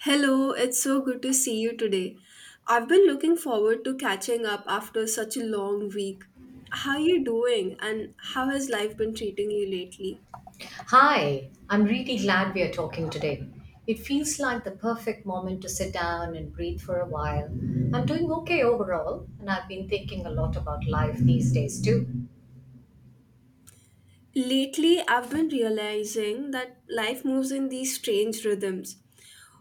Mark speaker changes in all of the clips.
Speaker 1: Hello, it's so good to see you today. I've been looking forward to catching up after such a long week. How are you doing and how has life been treating you lately?
Speaker 2: Hi, I'm really glad we are talking today. It feels like the perfect moment to sit down and breathe for a while. I'm doing okay overall, and I've been thinking a lot about life these days too.
Speaker 1: Lately, I've been realizing that life moves in these strange rhythms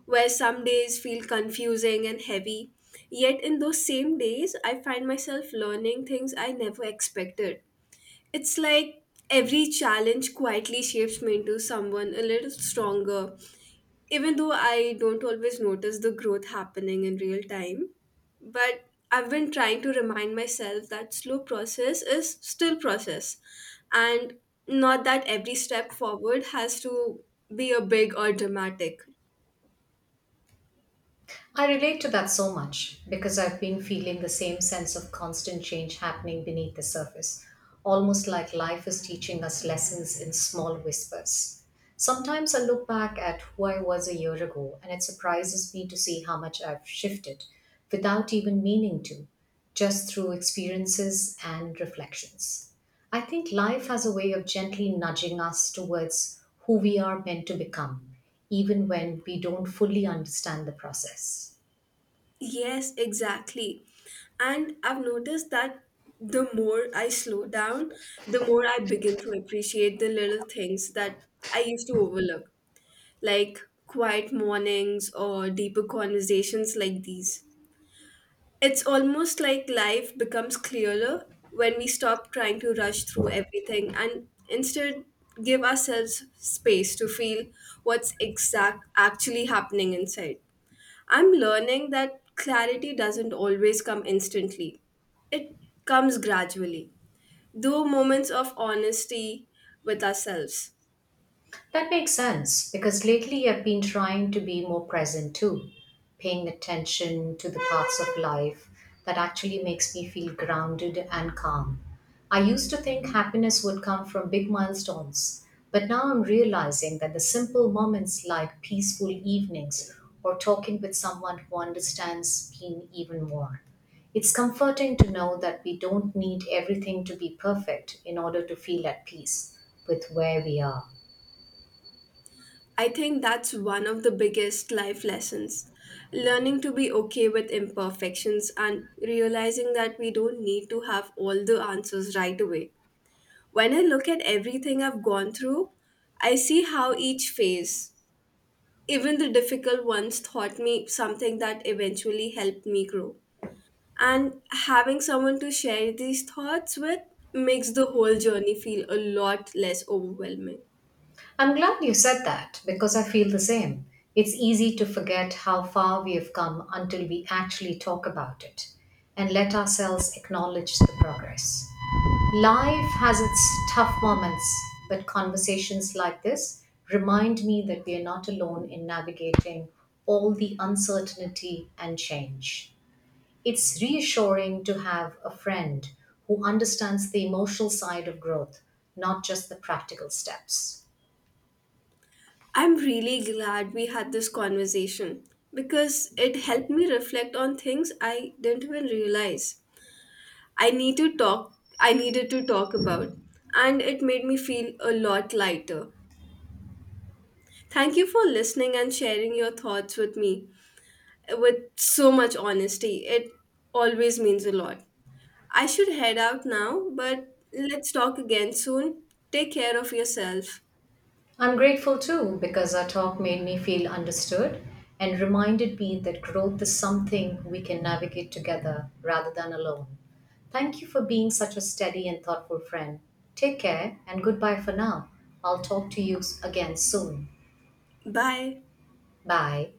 Speaker 1: where some days feel confusing and heavy, yet in those same days, I find myself learning things I never expected. It's like every challenge quietly shapes me into someone a little stronger, even though I don't always notice the growth happening in real time, but I've been trying to remind myself that slow process is still process, and not that every step forward has to be a big or dramatic.
Speaker 2: I relate to that so much because I've been feeling the same sense of constant change happening beneath the surface, almost like life is teaching us lessons in small whispers. Sometimes I look back at who I was a year ago and it surprises me to see how much I've shifted without even meaning to, just through experiences and reflections. I think life has a way of gently nudging us towards who we are meant to become, even when we don't fully understand the process.
Speaker 1: Yes, exactly. And I've noticed that the more I slow down, the more I begin to appreciate the little things that I used to overlook, like quiet mornings or deeper conversations like these. It's almost like life becomes clearer when we stop trying to rush through everything and instead give ourselves space to feel what's exact actually happening inside. I'm learning that clarity doesn't always come instantly. It comes gradually, though moments of honesty with ourselves.
Speaker 2: That makes sense because lately I've been trying to be more present too, paying attention to the parts of life that actually makes me feel grounded and calm. I used to think happiness would come from big milestones, but now I'm realizing that the simple moments like peaceful evenings or talking with someone who understands mean even more. It's comforting to know that we don't need everything to be perfect in order to feel at peace with where we are.
Speaker 1: I think that's one of the biggest life lessons. Learning to be okay with imperfections and realizing that we don't need to have all the answers right away. When I look at everything I've gone through, I see how each phase, even the difficult ones, taught me something that eventually helped me grow. And having someone to share these thoughts with makes the whole journey feel a lot less overwhelming.
Speaker 2: I'm glad you said that because I feel the same. It's easy to forget how far we have come until we actually talk about it and let ourselves acknowledge the progress. Life has its tough moments, but conversations like this remind me that we are not alone in navigating all the uncertainty and change. It's reassuring to have a friend who understands the emotional side of growth, not just the practical steps.
Speaker 1: I'm really glad we had this conversation because it helped me reflect on things I didn't even realize I needed to talk about, and it made me feel a lot lighter. Thank you for listening and sharing your thoughts with me with so much honesty. It always means a lot. I should head out now, but let's talk again soon. Take care of yourself.
Speaker 2: I'm grateful too because our talk made me feel understood and reminded me that growth is something we can navigate together rather than alone. Thank you for being such a steady and thoughtful friend. Take care and goodbye for now. I'll talk to you again soon.
Speaker 1: Bye.
Speaker 2: Bye.